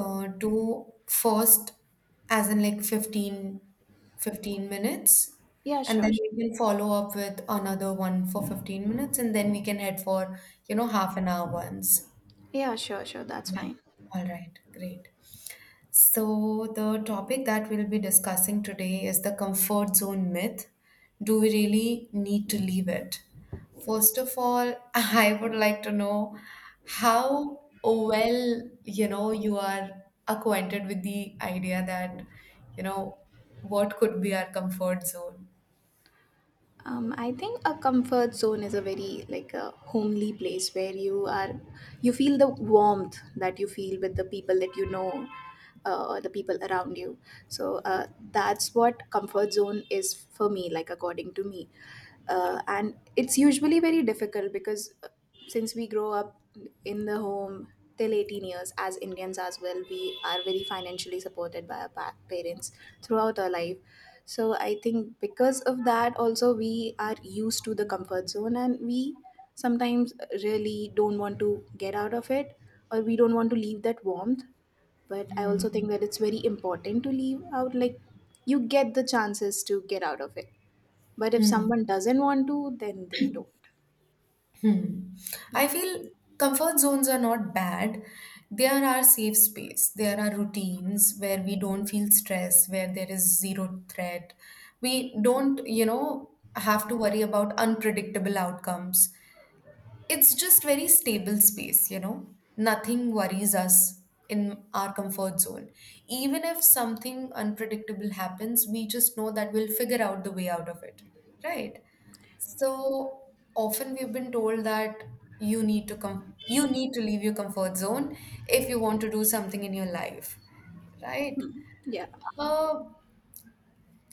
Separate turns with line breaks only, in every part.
Do first, as in like 15 minutes.
Yeah,
And
sure,
then
sure.
we can follow up with another one for 15 minutes, and then we can head for half an hour ones.
Yeah, sure, sure. That's
Yeah,
fine.
all right, great. So, the topic that we'll be discussing today is the comfort zone myth. Do we really need to leave it? First of all, I would like to know how well, you are acquainted with the idea that, you know, what could be our comfort zone?
I think a comfort zone is a very like a homely place where you are, you feel the warmth that you feel with the people that you know, or the people around you. So that's what comfort zone is for me, like according to me. And it's usually very difficult because since we grow up in the home till 18 years as Indians as well, we are very financially supported by our parents throughout our life. So I think because of that, also we are used to the comfort zone and we sometimes really don't want to get out of it, or we don't want to leave that warmth. But I also
Hmm.
think that it's very important to leave out, like, you get the chances to get out of it. But if
Hmm.
someone doesn't want to, then they don't.
I feel comfort zones are not bad. They are our safe space. There are routines where we don't feel stress, where there is zero threat. We don't, have to worry about unpredictable outcomes. It's just very stable space. Nothing worries us in our comfort zone. Even if something unpredictable happens, we just know that we'll figure out the way out of it. Right? So often we've been told that you need to come, you need to leave your comfort zone if you want to do something in your life, right?
Yeah.
Uh,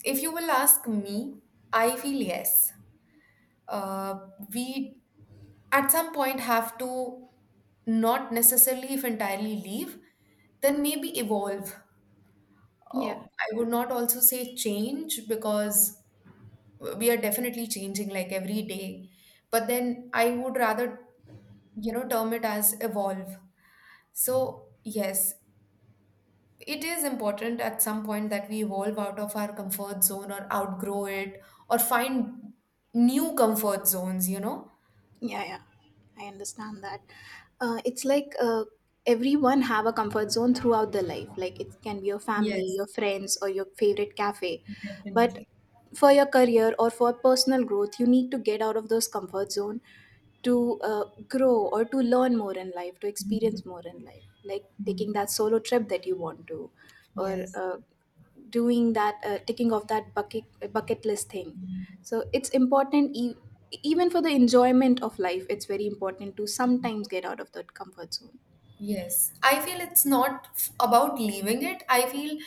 if you will ask me, I feel yes. Uh, we at some point have to, not necessarily, if entirely leave, then maybe evolve.
Yeah.
I would not also say change because we are definitely changing like every day. But then I would rather term it as evolve. So yes, it is important at some point that we evolve out of our comfort zone or outgrow it, or find new comfort zones.
Yeah, yeah, I understand that. It's like everyone have a comfort zone throughout their life. Like it can be your family,
Yes,
your friends, or your favorite cafe. But
definitely.
for your career or for personal growth, you need to get out of those comfort zone, to grow or to learn more in life, to experience more in life. Like taking that solo trip that you want to, or
Yes.
doing that, ticking off that bucket list thing, so it's important, even for the enjoyment of life it's very important to sometimes get out of that comfort zone.
Yes, I feel it's not about leaving it. I feel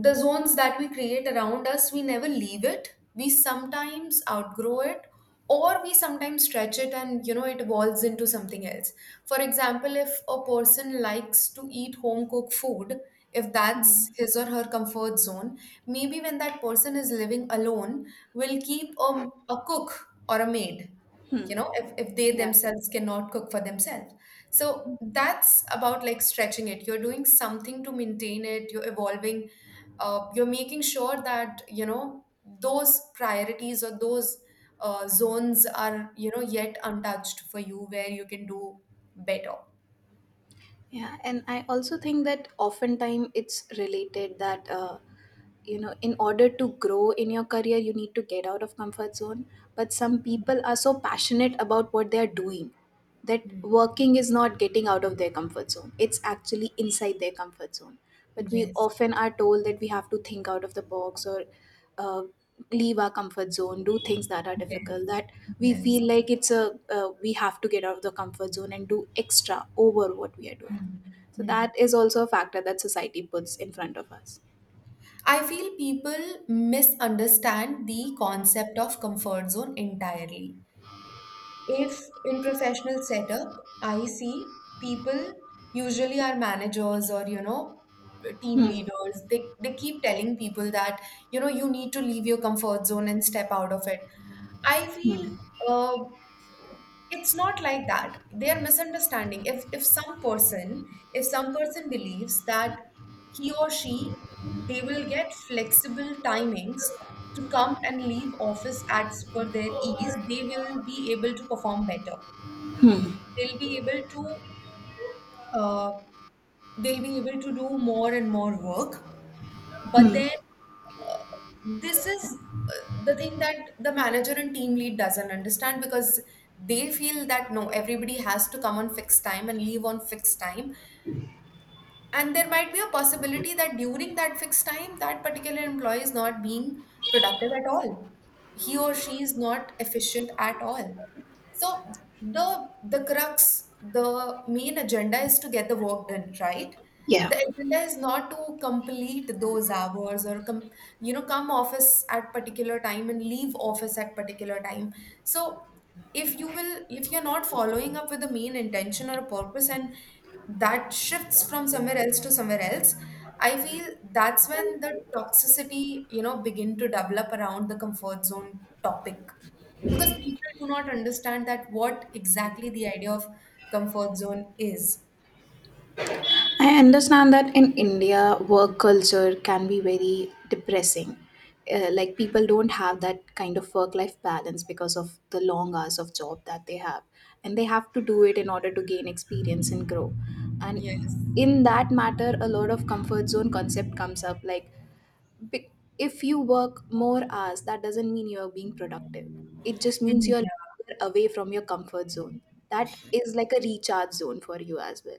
the zones that we create around us, we never leave it. We sometimes outgrow it, or we sometimes stretch it and it evolves into something else. For example, if a person likes to eat home cooked food, if that's
Hmm.
his or her comfort zone, maybe when that person is living alone, will keep a cook or a maid. You
Hmm.
know, if they
Yeah.
themselves cannot cook for themselves. So that's about like stretching it. You're doing something to maintain it, you're evolving, you're making sure that, those priorities or those zones are, yet untouched for you where you can do better.
Yeah, and I also think that oftentimes it's related that, you know, in order to grow in your career, you need to get out of comfort zone. But some people are so passionate about what they are doing that
Mm.
working is not getting out of their comfort zone. It's actually inside their comfort zone. But we
Yes,
often are told that we have to think out of the box, or uh, leave our comfort zone, do things that are
yes,
difficult. That we
yes.
feel like, it's a we have to get out of the comfort zone and do extra over what we are doing,
Mm.
so that
Mm.
is also a factor that society puts in front of us.
I feel people misunderstand the concept of comfort zone entirely. If in professional setup, I see people usually are managers or, team
Hmm.
leaders. They keep telling people that, you need to leave your comfort zone and step out of it. I
Hmm.
feel uh, it's not like that. They are misunderstanding. If some person, if some person believes that he or she they will get flexible timings to come and leave office as per their ease, they will be able to perform better.
Hmm.
They'll be able to uh, they'll be able to do more and more work. But
Hmm.
then this is uh, the thing that the manager and team lead doesn't understand because they feel that no, everybody has to come on fixed time and leave on fixed time, and there might be a possibility that during that fixed time that particular employee is not being productive at all, he or she is not efficient at all. So the crux, the main agenda is to get the work done, right?
Yeah.
The agenda is not to complete those hours or come, come office at particular time and leave office at particular time. So if you will, if you're not following up with the main intention or a purpose, and that shifts from somewhere else to somewhere else, I feel that's when the toxicity, begin to develop around the comfort zone topic, because people do not understand that what exactly the idea of comfort zone is.
I understand that in India, work culture can be very depressing. Like people don't have that kind of work-life balance because of the long hours of job that they have, and they have to do it in order to gain experience and grow.
Yes.
And in that matter, a lot of comfort zone concept comes up, like, Be- if you work more hours, that doesn't mean you're being productive. It just means
Mhm.
you're longer away from your comfort zone. That is like a recharge zone for you as well.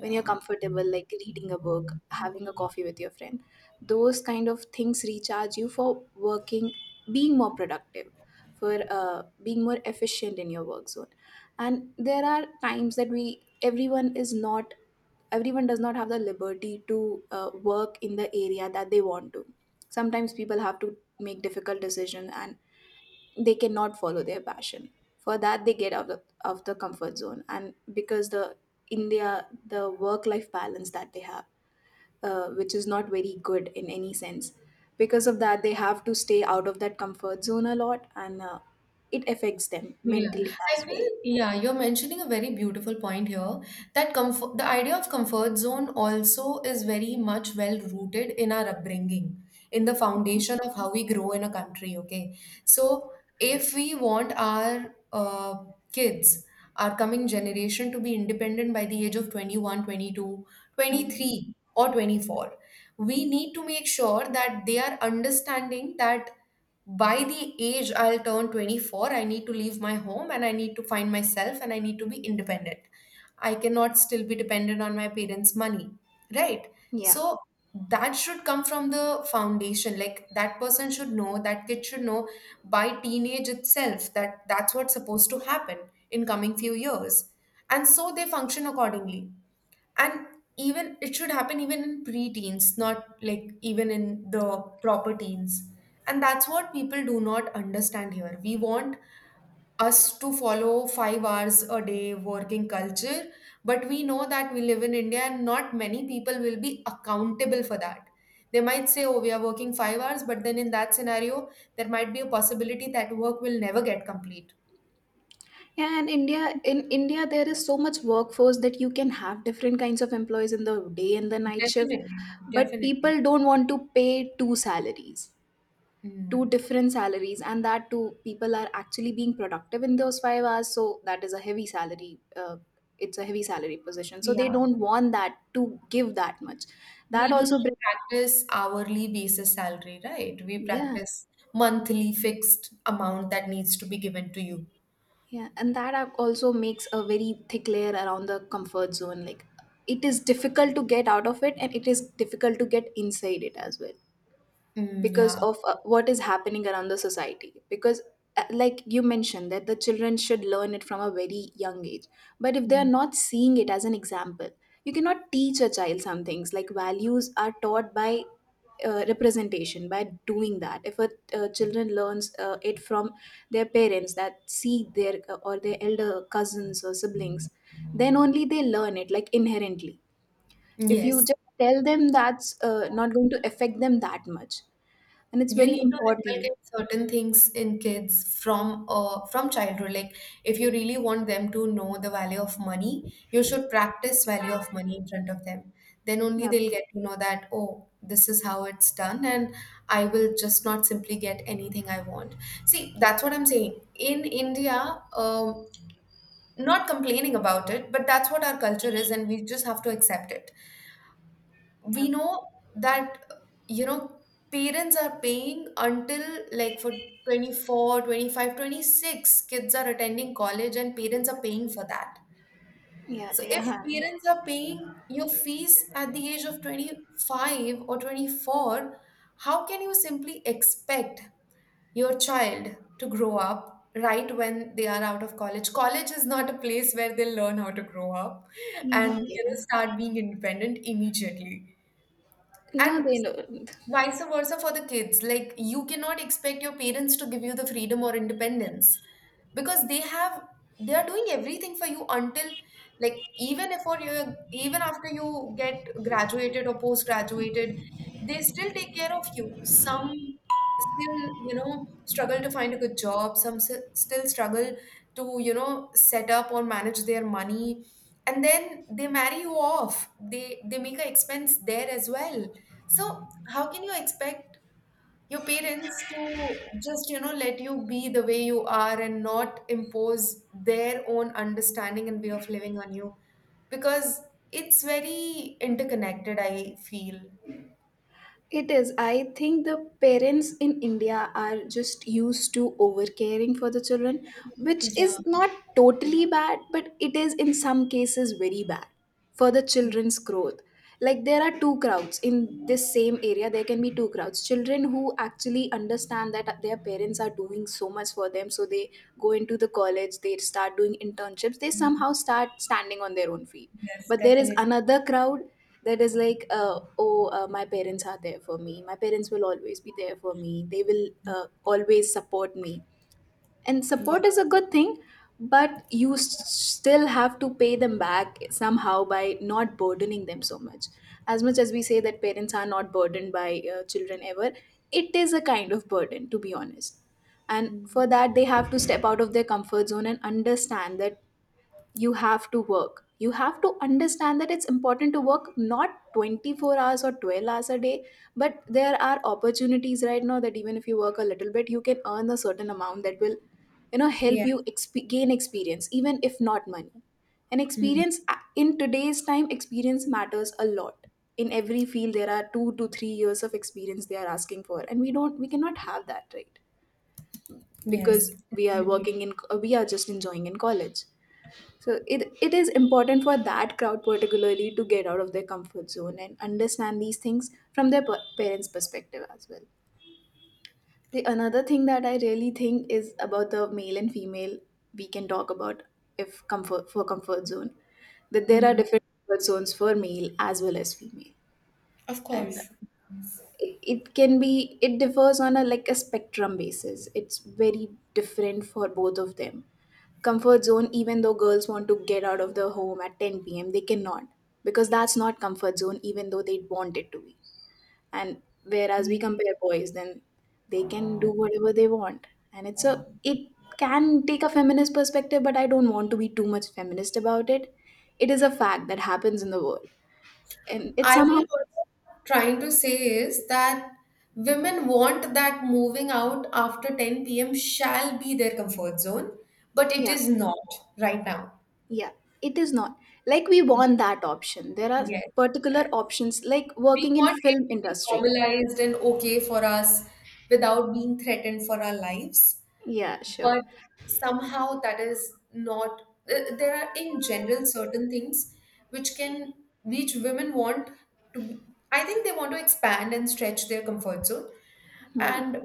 When you're comfortable, like reading a book, having a coffee with your friend, those kind of things recharge you for working, being more productive, for being more efficient in your work zone. And there are times that, everyone is not, everyone does not have the liberty to work in the area that they want to. Sometimes people have to make difficult decisions, and they cannot follow their passion. For that they get out of the comfort zone, and because the India, the work life balance that they have, which is not very good in any sense, because of that they have to stay out of that comfort zone a lot, and it affects them
Yeah,
mentally
I
as
feel,
well.
yeah, you're mentioning a very beautiful point here that comfort, the idea of comfort zone also is very much well rooted in our upbringing, in the foundation of how we grow in a country, okay? So if we want our kids, our coming generation to be independent by the age of 21, 22, twenty
Mhm.
three, or 24, we need to make sure that they are understanding that by the age I'll turn 24, I need to leave my home and I need to find myself and I need to be independent. I cannot still be dependent on my parents' money, right?
Yeah.
So that should come from the foundation. Like that person should know, that kid should know by teenage itself that that's what's supposed to happen in coming few years. And so they function accordingly, and even it should happen even in pre-teens, not like even in the proper teens. And that's what people do not understand. Here we want us to follow 5 hours a day working culture, but we know that we live in India and not many people will be accountable for that. They might say, oh, we are working 5 hours, but then in that scenario there might be a possibility that work will never get complete.
Yeah, and India in India there is so much workforce that you can have different kinds of employees in the day and the night shift,
Definitely.
but
Definitely.
people don't want to pay two salaries, two
Mm.
different salaries, and that too people are actually being productive in those 5 hours, so that is a heavy salary. It's a heavy salary position, so they
Yeah.
don't want that to give that much.
We
That
do
also
not
brings.
practice hourly basis salary, right? We
Yeah.
practice monthly fixed amount that needs to be given to you.
Yeah, and that also makes a very thick layer around the comfort zone. Like, it is difficult to get out of it, and it is difficult to get inside it as well,
Mm,
because
yeah.
of what is happening around the society, because like you mentioned that the children should learn it from a very young age, but if they are
Mm.
not seeing it as an example, you cannot teach a child some things. Like values are taught by representation, by doing that. If a children learns, it from their parents, that see their, or their elder cousins or siblings, then only they learn it like inherently. If you
Yes.
just tell them, that's not going to affect them that much, and it's
You
very
need to
important.
inculcate certain things in kids from childhood. Like, if you really want them to know the value of money, you should practice value of money in front of them, then only
Yep.
they'll get to know that oh, this is how it's done, and I will just not simply get anything I want. See, that's what I'm saying, in India, not complaining about it, but that's what our culture is and we just have to accept it. We
Yep.
know that you know parents are paying until like for 24, 25, 26 kids are attending college and parents are paying for that.
Yeah,
So
they
if
are.
parents are paying your fees at the age of 25 or 24, how can you simply expect your child to grow up, right, when they are out of college. College is not a place where they learn how to grow up
Mhm.
and,
Okay.
start being independent immediately.
No,
And
they don't.
vice versa for the kids. Like, you cannot expect your parents to give you the freedom or independence because they have, they are doing everything for you until, like, even if or you, even after you get graduated or post graduated, they still take care of you. Some still, struggle to find a good job. Some still struggle to, set up or manage their money. And then they marry you off. They make a expense there as well. So how can you expect your parents to just let you be the way you are and not impose their own understanding and way of living on you because it's very interconnected, I feel.
It is. I think the parents in India are just used to overcaring for the children, which
Yeah.
is not totally bad, but it is in some cases very bad for the children's growth. Like there are two crowds in this same area, there can be two crowds. Children who actually understand that their parents are doing so much for them, so they go into the college, they start doing internships, they somehow start standing on their own feet.
Yes,
But there is
definitely.
another crowd that is like, oh, my parents are there for me, my parents will always be there for me, they will always support me, and
Yeah.
support is a good thing, but you still have to pay them back somehow by not burdening them so much. As much as we say that parents are not burdened by children ever, it is a kind of burden, to be honest. And
Mm.
for that they have to step out of their comfort zone and understand that you have to work, you have to understand that it's important to work not 24 hours or 12 hours a day, but there are opportunities right now that even if you work a little bit you can earn a certain amount that will, you know, help
Yeah.
you gain experience, even if not money. And
Mm.
experience, in today's time, experience matters a lot. In every field there are 2 to 3 years of experience they are asking for, and we don't, we cannot have that, right?
Yes,
Because we are
definitely.
working in, we are just enjoying in college. So it is important for that crowd particularly to get out of their comfort zone and understand these things from their parents' perspective as well. The another thing that I really think is about the male and female, we can talk about, if comfort for comfort zone, that there are
Mm.
different comfort zones for male as well as female.
Of
And
course.
it can be, it differs on a like a spectrum basis, it's very different for both of them. Comfort zone, even though girls want to get out of the home at 10 p.m., they cannot, because that's not comfort zone, even though they want it to be. And whereas we compare boys then, they can do whatever they want, and it can take a feminist perspective, but I don't want to be too much feminist about it. It is a fact that happens in the world, and it
I
somehow,
feel what I'm trying to say is that women want that moving out after 10 p.m. shall be their comfort zone, but it
yeah.
is not right now.
Yeah, it is not. Like we want that option. There are
Yes. Uh,
particular options like
We
working in
want it
film
to be
industry.
normalized and okay for us without being threatened for our lives.
Yeah, sure.
But somehow that is not. There are in general certain things which can, which women want to be, I think they want to expand and stretch their comfort zone,
Hmm.
and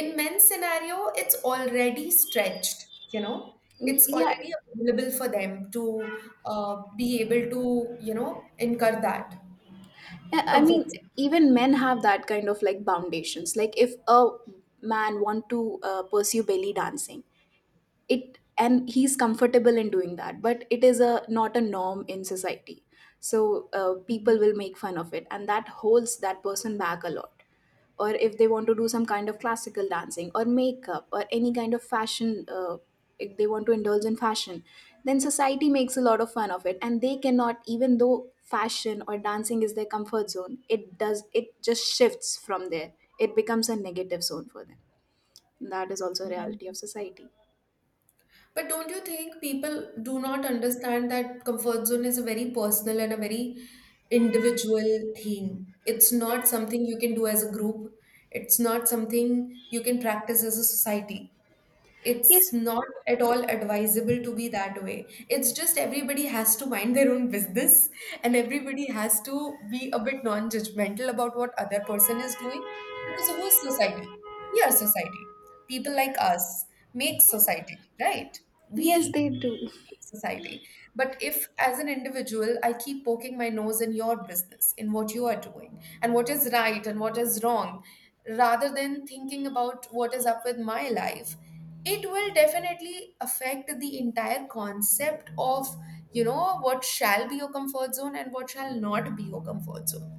in men's scenario it's already stretched, it's
Yeah.
already available for them to be able to incur that
Yeah, I
comfort
mean, even men have that kind of like foundations. Like if a man want to pursue belly dancing, it and he's comfortable in doing that, but it is a not a norm in society, so people will make fun of it, and that holds that person back a lot. Or if they want to do some kind of classical dancing or makeup or any kind of fashion, if they want to indulge in fashion, then society makes a lot of fun of it, and they cannot, even though fashion or dancing is their comfort zone, it does, it just shifts from there. It becomes a negative zone for them. That is also a reality
zone.
of society.
But don't you think people do not understand that comfort zone is a very personal and a very individual thing? It's not something you can do as a group. It's not something you can practice as a society. It's
Yes.
not at all advisable to be that way. It's just everybody has to mind their own business, and everybody has to be a bit non-judgmental about what other person is doing because who is society? We are society. People like us make society, right?
Yes,
We
they do.
we make society. But if, as an individual, I keep poking my nose in your business, in what you are doing, and what is right and what is wrong, rather than thinking about what is up with my life, it will definitely affect the entire concept of, what shall be your comfort zone and what shall not be your comfort zone.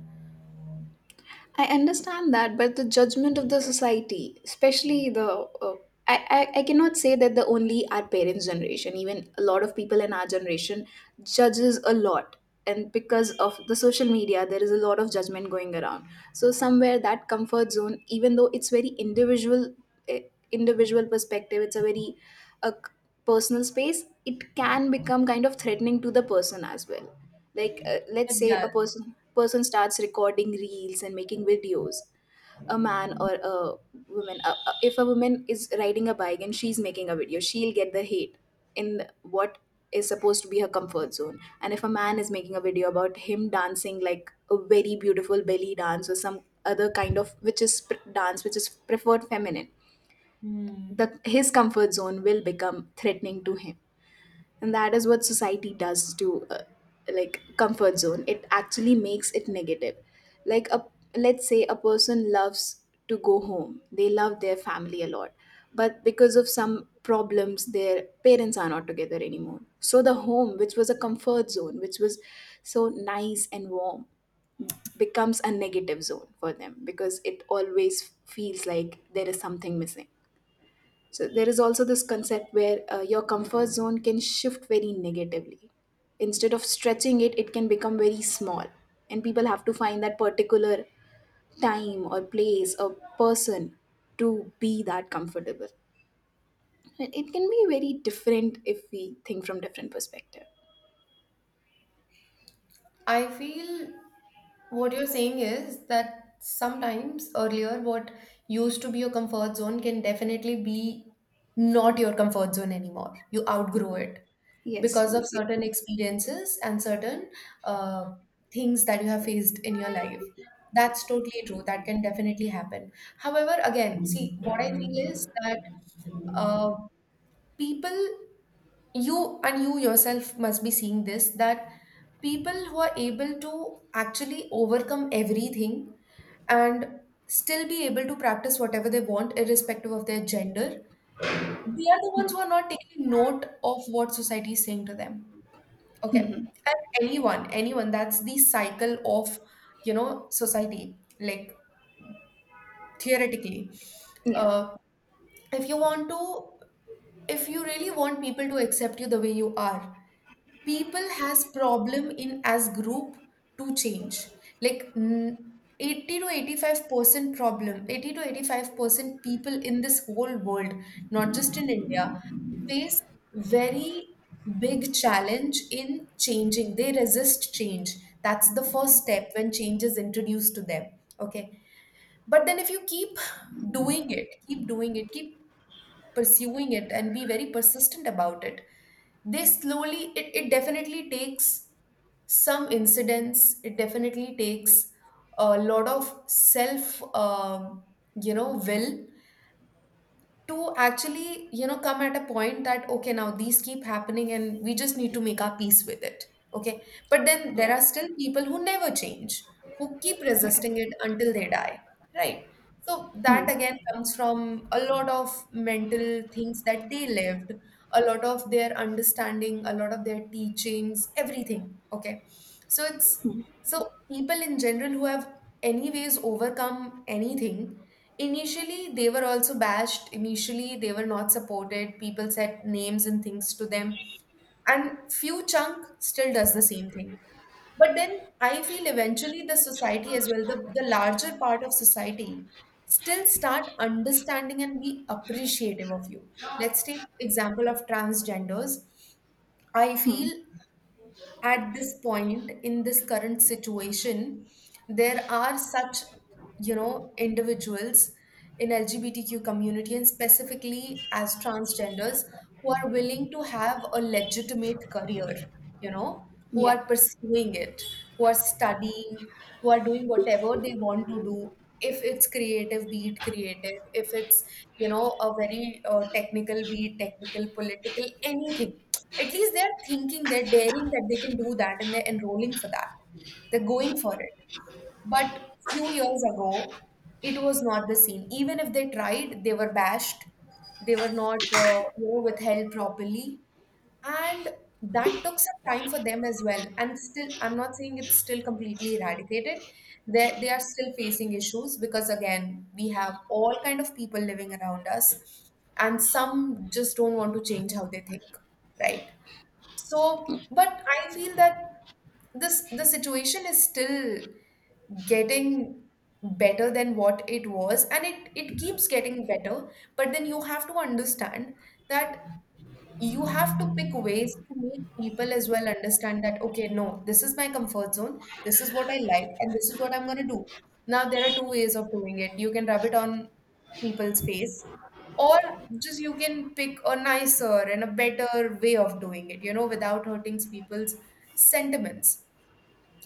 I understand that, but the judgment of the society, especially the, uh, I, I cannot say that the only our parents' generation, even a lot of people in our generation judges a lot. And because of the social media, there is a lot of judgment going around. So somewhere that comfort zone, even though it's very individual, eh, individual perspective, it's a very uh, c- personal space. It can become kind of threatening to the person as well. Like let's
It
say
does.
a person starts recording reels and making videos, a man or a woman. If a woman is riding a bike and she's making a video, she'll get the hate in what is supposed to be her comfort zone. And if a man is making a video about him dancing, like a very beautiful belly dance or some other kind of dance which is preferred feminine,
Hmm.
the his comfort zone will become threatening to him. And that is what society does to like comfort zone, it actually makes it negative. Like, a, let's say a person loves to go home, they love their family a lot, but because of some problems their parents are not together anymore, so the home which was a comfort zone, which was so nice and warm, becomes a negative zone for them because it always feels like there is something missing. So there is also this concept where your comfort zone can shift very negatively. Instead of stretching it, it can become very small. And people have to find that particular time or place or person to be that comfortable. And it can be very different if we think from different perspective.
I feel what you're saying is that sometimes earlier, what used to be your comfort zone can definitely be not your comfort zone anymore. You outgrow it,
Yes,
because of certain experiences and certain uh, things that you have faced in your life. That's totally true. That can definitely happen. However, again, see, what I feel is that uh, people, you yourself must be seeing this that people who are able to actually overcome everything and still be able to practice whatever they want, irrespective of their gender, they are the
hmm.
ones who are not taking note of what society is saying to them. Okay. And anyone, that's the cycle of society, like theoretically.
Yeah,
Uh, if you want to, if you really want people to accept you the way you are, people has problem in as group to change. Like 80 to 85% problem, 80 to 85% people in this whole world, not just in India, face very big challenge in changing. They resist change. That's the first step when change is introduced to them. Okay. But then if you keep doing it, keep doing it, keep pursuing it and be very persistent about it, they slowly it definitely takes some incidents, it definitely takes a lot of self will to actually, come at a point that, okay, now these keep happening and we just need to make our peace with it. Okay. But then there
yeah,
are still people who never change, who keep
yeah.
resisting it until they die. Right. So that
Hmm.
again comes from a lot of mental things that they lived, a lot of their understanding, a lot of their teachings, everything. Okay. So it's so people in general who have anyways overcome anything, initially, they were also bashed. Initially, they were not supported. People said names and things to them. And few chunk still does the same thing. But then I feel eventually the society as well, the larger part of society still start understanding and be appreciative of you. Let's take example of transgenders. I feel at this point in this current situation there are such individuals in LGBTQ community and specifically as transgenders who are willing to have a legitimate career you know, who
yeah,
are pursuing it, who are studying, who are doing whatever they want to do. If it's creative, be it creative. If it's a very technical, be it technical, political, anything. At least they're thinking, they're daring that they can do that and they're enrolling for that. They're going for it. But few years ago, it was not the same. Even if they tried, they were bashed. They were not, withheld properly. And that took some time for them as well. And still, I'm not saying it's still completely eradicated. They are still facing issues because, again, we have all kind of people living around us, and some just don't want to change how they think, right? So, but I feel that this the situation is still getting better than what it was, and it keeps getting better. But then you have to understand that you have to pick ways to make people as well understand that, okay, no, this is my comfort zone, this is what I like, and this is what I'm going to do. Now there are two ways of doing it. You can rub it on people's face, or just you can pick a nicer and a better way of doing it, without hurting people's sentiments.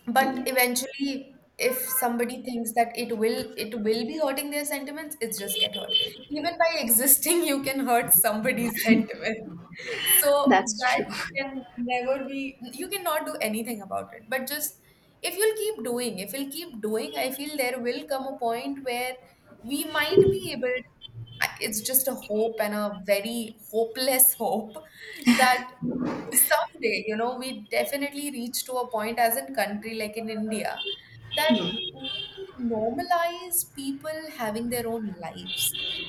But
yeah.
eventually, if somebody thinks that it will be hurting their sentiments, it's just get hurt. Even by existing you can hurt somebody's sentiments, so
That's
that
true.
can never be, you cannot do anything about it. But just if you'll keep doing, I feel there will come a point where we might be able, it's just a hope and a very hopeless hope that someday we definitely reach to a point as in country like in India, that we normalize people having their own lives.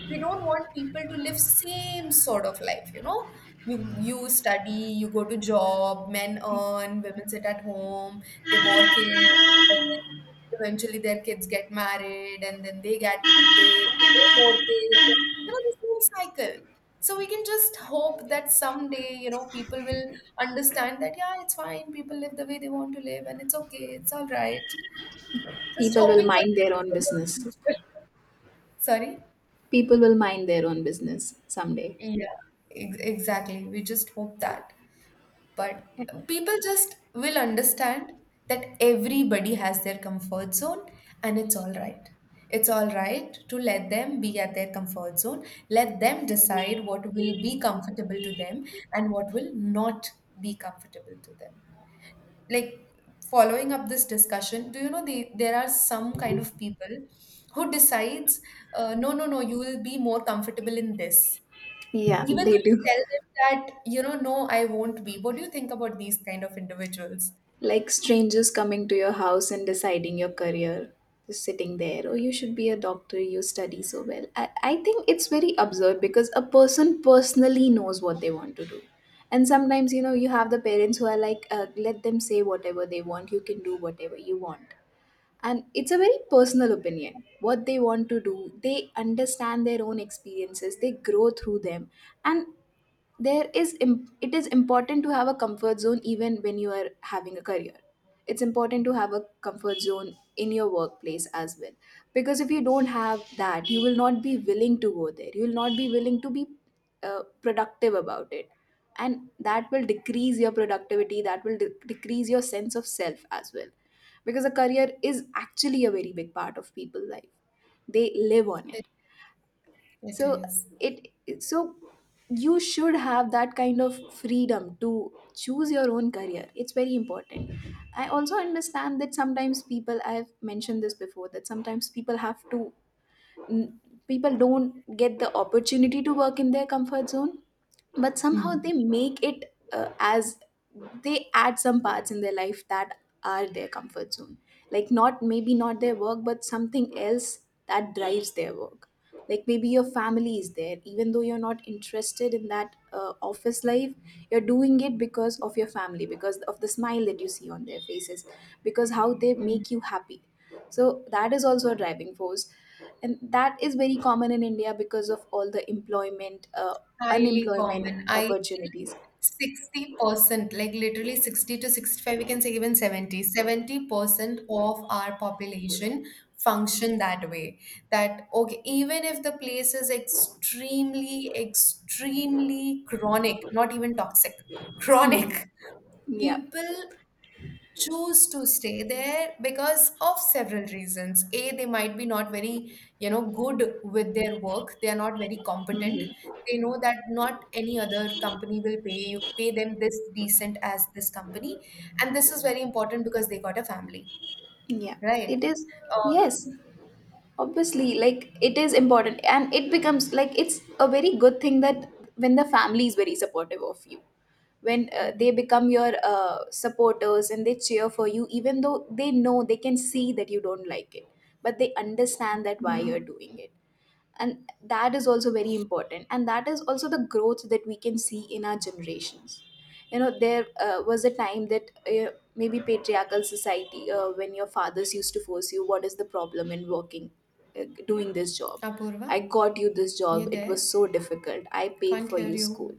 We don't want people to live same sort of life. You study, you go to job, men earn, women sit at home, they bore kids. Eventually, their kids get married, and then they they mortgage. You know, the same cycle. So we can just hope that someday, people will understand that, yeah, it's fine. People live the way they want to live, and it's okay. It's all right. Just
People will
hoping for
mind their own business.
that. Sorry.
People will mind their own business someday.
Yeah, exactly. We just hope that. But people just will understand that everybody has their comfort zone, and it's all right. It's all right to let them be at their comfort zone. Let them decide what will be comfortable to them and what will not be comfortable to them. Like, following up this discussion, do you know, there are some kind of people who decides, no, no, no, you will be more comfortable in this,
Yeah,
even
they
though you
do.
tell them that, no, I won't be. What do you think about these kind of individuals?
Like strangers coming to your house and deciding your career, just sitting there. Oh, you should be a doctor, you study so well. I think it's very absurd because a person personally knows what they want to do. And sometimes, you know, you have the parents who are like, let them say whatever they want, you can do whatever you want. And it's a very personal opinion. What they want to do, they understand their own experiences, they grow through them. And there is it is important to have a comfort zone even when you are having a career. It's important to have a comfort zone in your workplace as well, because if you don't have that, you will not be willing to go there, you will not be willing to be productive about it. And that will decrease your productivity, that will decrease your sense of self as well, because a career is actually a very big part of people's life. They live on it.
It, it
So
is.
so you should have that kind of freedom to choose your own career. It's very important. I also understand that sometimes people, I've mentioned this before, that sometimes people have to n- people don't get the opportunity to work in their comfort zone, but somehow
Hmm.
they make it as they add some parts in their life that are their comfort zone. Like not, maybe not their work, but something else that drives their work. Like maybe your family is there, even though you're not interested in that office life, you're doing it because of your family, because of the smile that you see on their faces, because how they
Mhm.
make you happy. So that is also a driving force. And that is very common in India because of all the employment
Highly
unemployment
common. I feel
opportunities.
60%, like literally 60 to 65, we can say even 70, 70% of our population function that way. That, okay, even if the place is extremely, extremely chronic, not even toxic,
Hmm.
chronic,
Yeah.
people choose to stay there because of several reasons. A, they might be not very good with their work, they are not very competent,
Hmm.
they know that not any other company will pay them this decent as this company, and this is very important because they got a family,
Yeah.
right
It is.
uh,
Yes. Obviously, like, it is important and it becomes like, it's a very good thing that when the family is very supportive of you, when
Mm.
they become your supporters and they cheer for you, even though they know, they can see that you don't like it, but they understand that why you're doing it. And that is also very important, and that is also the growth that we can see in our generations. You know, there was a time that maybe patriarchal society, when your fathers used to force you, what is the problem in working, doing this job?
Apurva,
I got you this
you
job, it
there?
was so difficult, I paid
Can't
for
hear
your school.
you.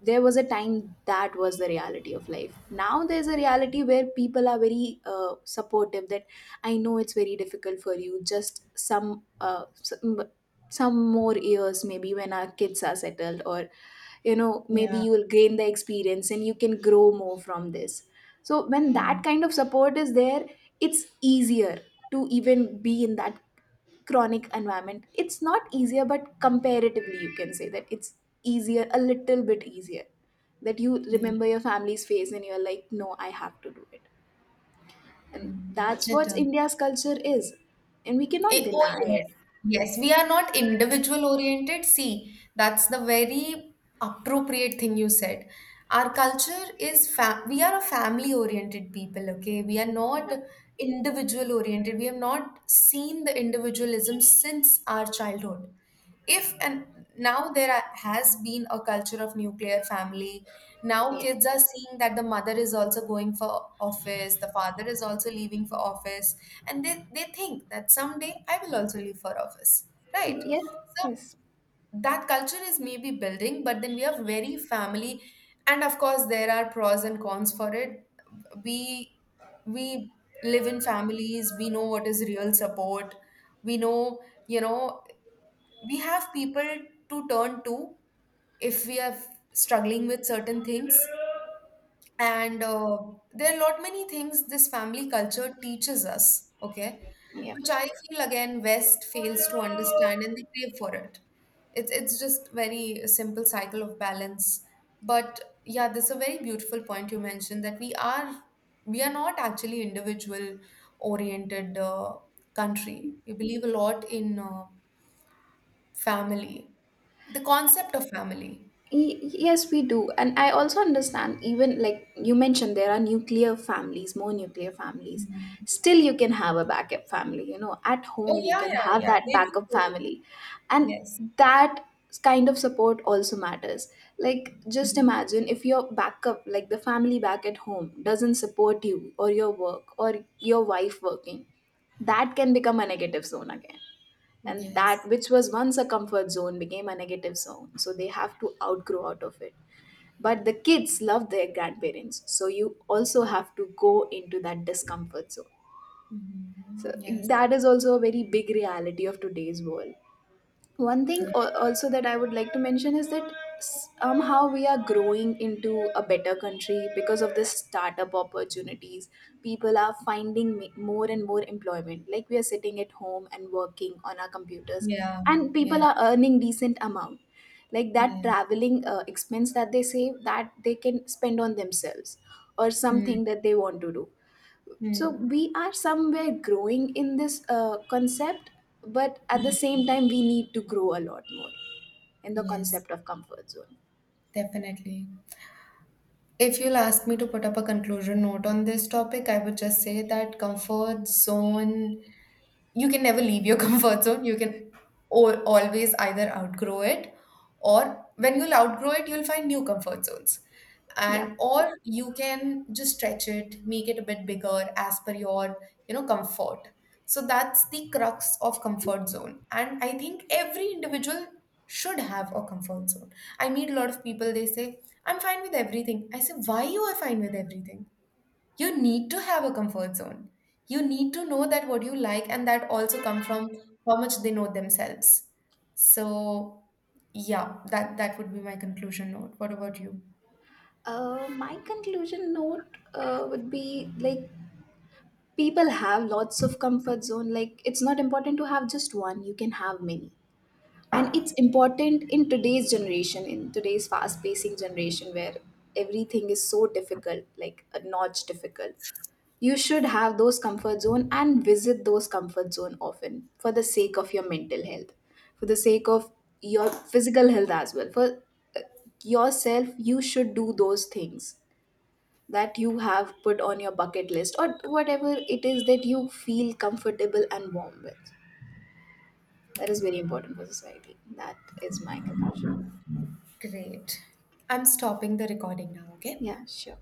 There was a time that was the reality of life. Now there's a reality where people are very supportive, that I know it's very difficult for you, just some some more years, maybe when our kids are settled, or you know, maybe
Yeah.
you will gain the experience and you can grow more from this. So when that
Mm.
kind of support is there, it's easier to even be in that chronic environment. It's not easier, but comparatively you can say that it's easier, a little bit easier, that you
Mm.
remember your family's face and you're like, no, I have to do it. And
Mm.
that's
It
what
does.
India's culture is. And we cannot
Eh, oh,
deny
yes.
it.
Yes, we are not individual oriented. See, that's the very appropriate thing you said. Our culture is fa we are a family oriented people, okay? We are not
Yep.
individual oriented. We have not seen the individualism since our childhood. If and now has been a culture of nuclear family. Now
Yeah.
kids are seeing that the mother is also going for office, the father is also leaving for office, and they think that someday I will also leave for office, right?
Yeah.
So
Yes.
that culture is maybe building, but then we are very family, and of course there are pros and cons for it. We we live in families, we know what is real support. We know, we have people to turn to if we are struggling with certain things and There are a lot many things this family culture teaches us, okay,
Yeah.
which I feel again West fails to understand and they crave for it. It's just very simple cycle of balance. But yeah, this is a very beautiful point you mentioned that we are not actually individual oriented country. We believe a lot in family the concept of family.
Y- yes, we do. And I also understand, even like you mentioned, there are nuclear families, more nuclear families.
Mhm.
Still, you can have a backup family. You know, at
Oh,
home, you
yeah,
can
yeah,
have
yeah.
that
They do.
backup
They do.
family. And
Yes.
that kind of support also matters. Like, just
Mhm.
imagine if your backup, like the family back at home, doesn't support you or your work or your wife working, that can become a negative zone again. And that
Yes.
which was once a comfort zone became a negative zone, so they have to outgrow out of it. But the kids love their grandparents, so you also have to go into that discomfort zone.
Mhm.
So
Yes.
that is also a very big reality of today's world. One thing
Yeah.
also that I would like to mention is that somehow we are growing into a better country because of the startup opportunities. People are finding more and more employment. Like, we are sitting at home and working on our computers,
Yeah.
and people
Yes.
are earning decent amount. Like that
Yes.
traveling expense that they save, that they can spend on themselves or
Mm.
something that they want to do. So
Mm.
we are somewhere growing in this concept, but at the
Mm.
same time we need to grow a lot more in the
Yes,
concept of comfort zone.
definitely. If you'll ask me to put up a conclusion note on this topic, I would just say that comfort zone you can never leave your comfort zone. You can always either outgrow it, or when you'll outgrow it, you'll find new comfort zones.
Yeah.
And or you can just stretch it, make it a bit bigger as per your comfort. So that's the crux of comfort zone. And I think every individual should have a comfort zone. I meet a lot of people, they say, I'm fine with everything. I say, why you are fine with everything? You need to have a comfort zone. You need to know that what you like, and that also come from how much they know themselves. So, yeah, that would be my conclusion note. What about you?
My conclusion note would be like, people have lots of comfort zone, like it's not important to have just one, you can have many. And it's important in today's generation, in today's fast pacing generation, where everything is so difficult, like a notch difficult, you should have those comfort zone and visit those comfort zone often for the sake of your mental health, for the sake of your physical health as well, for uh, yourself. You should do those things that you have put on your bucket list or whatever it is that you feel comfortable and warm with. That is very important for society. That is my conclusion.
Great. I'm stopping the recording now, okay?
Yeah, sure.